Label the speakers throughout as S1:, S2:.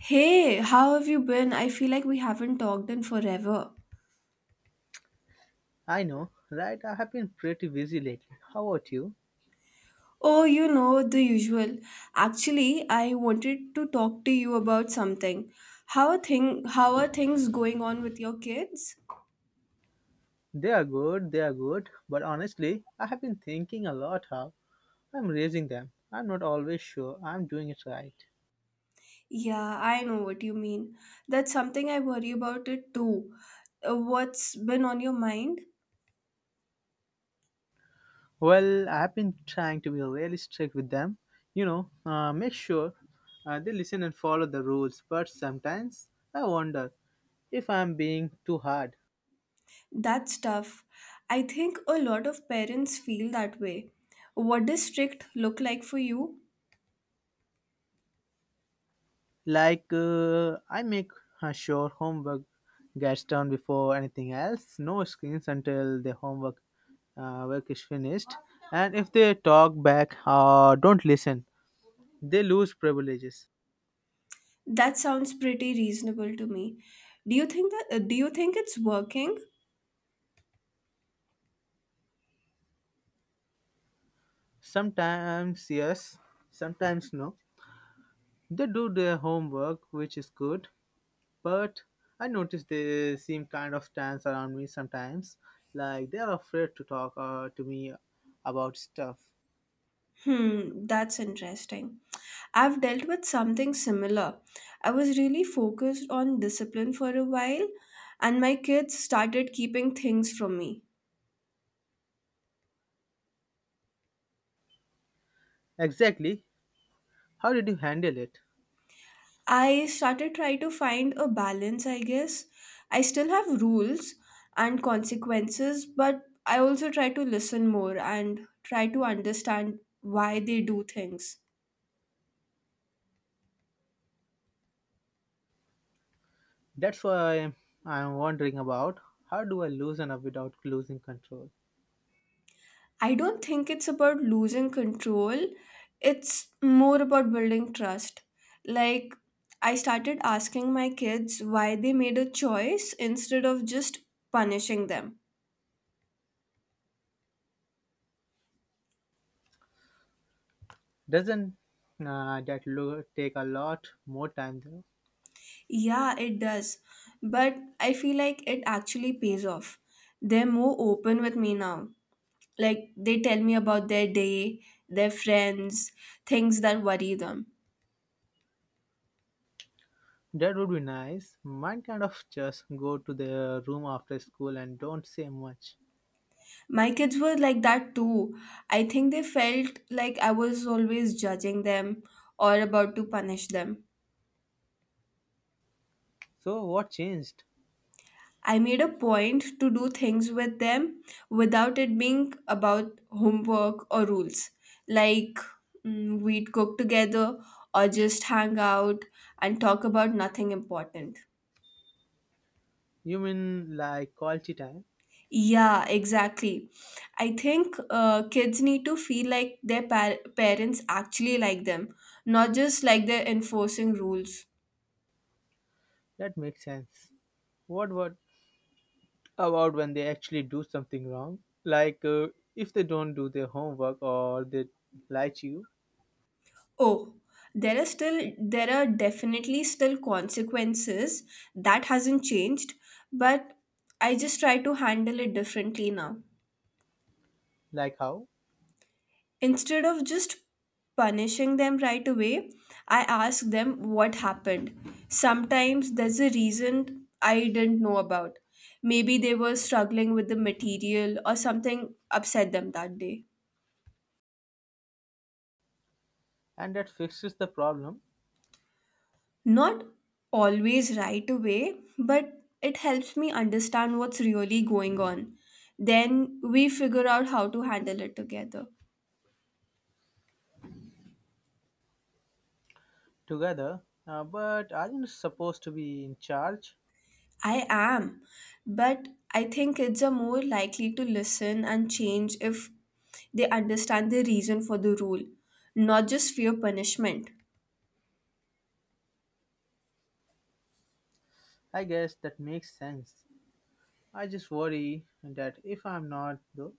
S1: Hey, how have you been? I feel like we haven't talked in forever.
S2: I know, right? I have been pretty busy lately. How about you?
S1: Oh, the usual. Actually, I wanted to talk to you about something. How are things going on with your kids?
S2: They are good, they are good. But honestly, I have been thinking a lot how I'm raising them. I'm not always sure I'm doing it right.
S1: Yeah, I know what you mean. That's something I worry about it too. What's been on your mind?
S2: Well, I have been trying to be really strict with them. Make sure they listen and follow the rules. But sometimes I wonder if I'm being too hard.
S1: That's tough. I think a lot of parents feel that way. What does strict look like for you?
S2: Like I make sure homework gets done before anything else. No screens until the homework work is finished. And if they talk back or don't listen, they lose privileges.
S1: That sounds pretty reasonable to me. Do you think it's working?
S2: Sometimes yes, sometimes no. They do their homework, which is good, but I notice they seem kind of tense around me sometimes. Like they are afraid to talk to me about stuff.
S1: Hmm, that's interesting. I've dealt with something similar. I was really focused on discipline for a while, and my kids started keeping things from me.
S2: Exactly. How did you handle it?
S1: I started trying to find a balance, I guess. I still have rules and consequences, but I also try to listen more and try to understand why they do things.
S2: That's why I'm wondering about, how do I loosen up without losing control?
S1: I don't think it's about losing control. It's more about building trust. Like, I started asking my kids why they made a choice instead of just punishing them.
S2: Doesn't take a lot more time though?
S1: Yeah, it does. But I feel like it actually pays off. They're more open with me now. Like, they tell me about their day, their friends, things that worry them.
S2: That would be nice. Mine kind of just go to the room after school and don't say much.
S1: My kids were like that too. I think they felt like I was always judging them or about to punish them.
S2: So what changed?
S1: I made a point to do things with them without it being about homework or rules. Like we'd cook together or just hang out and talk about nothing important.
S2: You mean like quality time?
S1: Yeah, exactly. I think kids need to feel like their parents actually like them, not just like they're enforcing rules.
S2: That makes sense. What about when they actually do something wrong? Like if they don't do their homework or they lie to you?
S1: Oh, there are still there are definitely still consequences. That hasn't changed, but I just try to handle it differently now.
S2: Like how?
S1: Instead of just punishing them right away, I ask them what happened. Sometimes there's a reason I didn't know about. Maybe they were struggling with the material or something upset them that day.
S2: And that fixes the problem
S1: Not always right away, but it helps me understand what's really going on. Then we figure out how to handle it together.
S2: together, but aren't supposed to be in charge.
S1: I am, but I think kids are more likely to listen and change if they understand the reason for the rule, not just fear punishment.
S2: I guess that makes sense. I just worry that if I'm not, though,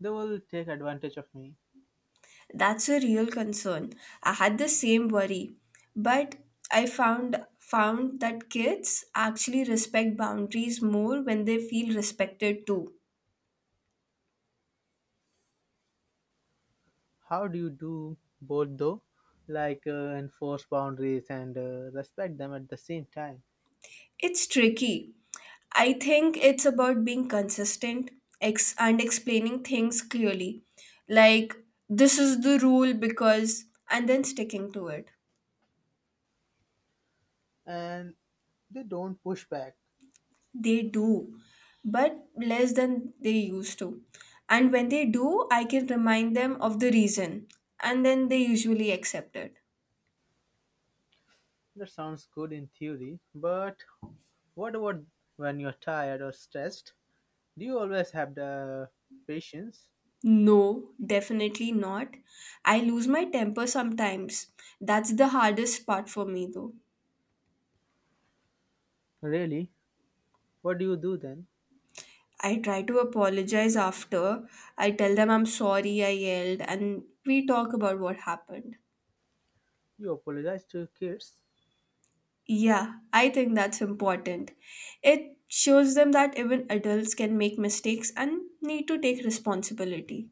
S2: they will take advantage of me.
S1: That's a real concern. I had the same worry, but I found that kids actually respect boundaries more when they feel respected too.
S2: How do you do both, though? Like enforce boundaries and respect them at the same time.
S1: It's tricky. I think it's about being consistent and explaining things clearly. Like, this is the rule because, and then sticking to it.
S2: And they don't push back.
S1: They do, but less than they used to. And when they do, I can remind them of the reason, and then they usually accept it.
S2: That sounds good in theory, but what about when you're tired or stressed? Do you always have the patience?
S1: No, definitely not. I lose my temper sometimes. That's the hardest part for me, though.
S2: Really? What do you do then?
S1: I try to apologize after. I tell them I'm sorry I yelled, and we talk about what happened.
S2: You apologize to your kids?
S1: Yeah, I think that's important. It shows them that even adults can make mistakes and need to take responsibility.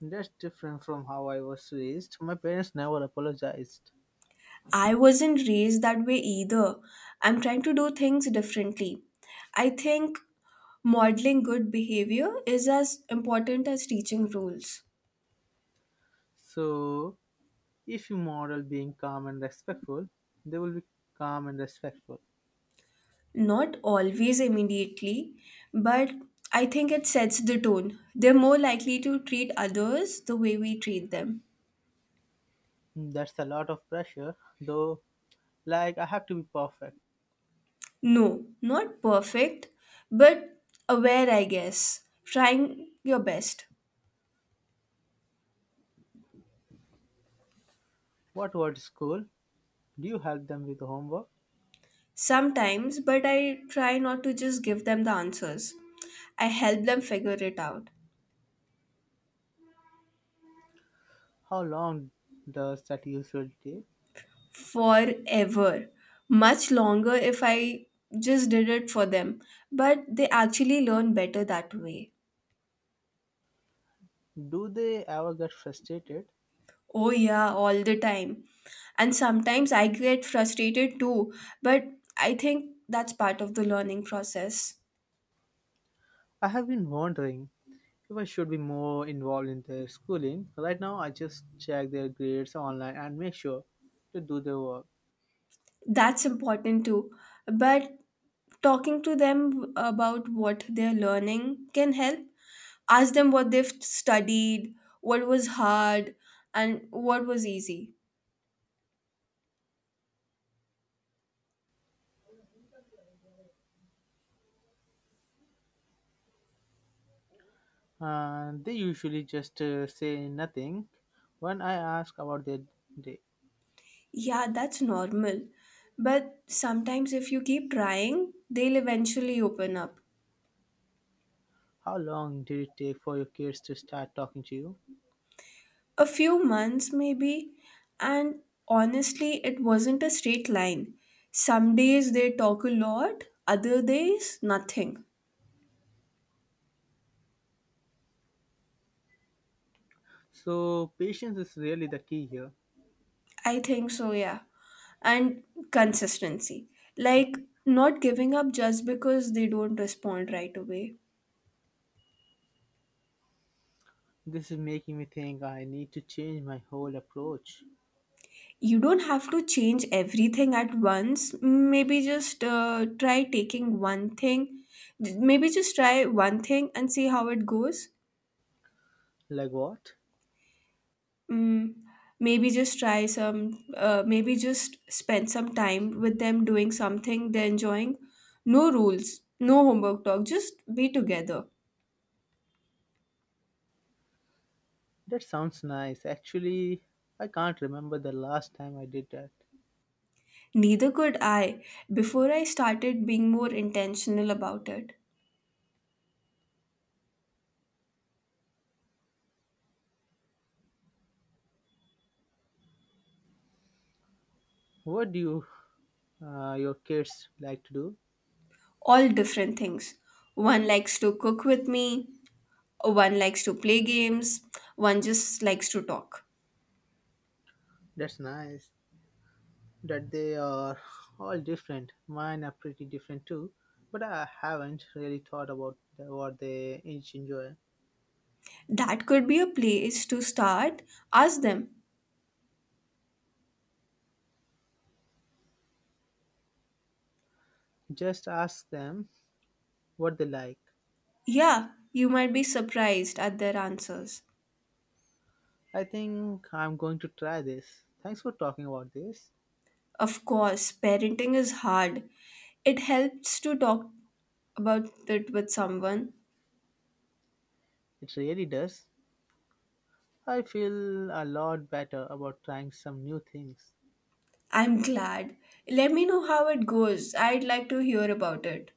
S2: That's different from how I was raised. My parents never apologized.
S1: I wasn't raised that way either. I'm trying to do things differently. I think modeling good behavior is as important as teaching rules.
S2: So, if you model being calm and respectful, they will be calm and respectful.
S1: Not always immediately, but I think it sets the tone. They're more likely to treat others the way we treat them.
S2: That's a lot of pressure, though. Like, I have to be perfect.
S1: No, not perfect, but aware, I guess. Trying your best.
S2: What about school? Do you help them with homework?
S1: Sometimes, but I try not to just give them the answers. I help them figure it out.
S2: How long does that usually take?
S1: Forever. Much longer if I just did it for them. But they actually learn better that way.
S2: Do they ever get frustrated?
S1: Oh, yeah, all the time. And sometimes I get frustrated too, but I think that's part of the learning process.
S2: I have been wondering, people should be more involved in their schooling. Right now, I just check their grades online and make sure to do their work.
S1: That's important too, but talking to them about what they're learning can help. Ask them what they've studied, what was hard, and what was easy.
S2: And they usually just say nothing when I ask about their day.
S1: Yeah, that's normal, but sometimes if you keep trying, they'll eventually open up.
S2: How long did it take for your kids to start talking to you?
S1: A few months, maybe. And honestly, it wasn't a straight line. Some days they talk a lot, other days nothing.
S2: So, patience is really the key here.
S1: I think so, yeah. And consistency. Like, not giving up just because they don't respond right away.
S2: This is making me think I need to change my whole approach.
S1: You don't have to change everything at once. Maybe just try taking one thing. Maybe just try one thing and see how it goes.
S2: Like what?
S1: Mm, maybe just spend some time with them doing something they're enjoying. No rules, no homework talk, just be together.
S2: That sounds nice. Actually, I can't remember the last time I did that.
S1: Neither could I before I started being more intentional about it.
S2: What do you, your kids like to do?
S1: All different things. One likes to cook with me, one likes to play games, one just likes to talk.
S2: That's nice that they are all different. Mine are pretty different too, but I haven't really thought about what they each enjoy.
S1: That could be a place to start. Ask them.
S2: Just ask them what they like.
S1: Yeah, you might be surprised at their answers.
S2: I think I'm going to try this. Thanks for talking about this.
S1: Of course, parenting is hard. It helps to talk about it with someone.
S2: It really does. I feel a lot better about trying some new things.
S1: I'm glad. Let me know how it goes. I'd like to hear about it.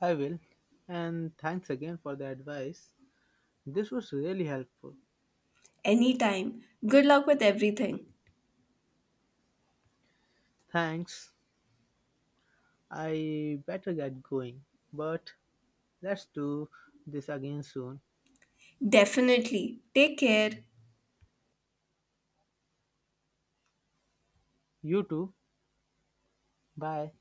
S2: I will. And thanks again for the advice. This was really helpful.
S1: Anytime. Good luck with everything.
S2: Thanks. I better get going, but let's do this again soon.
S1: Definitely. Take care.
S2: You too. Bye.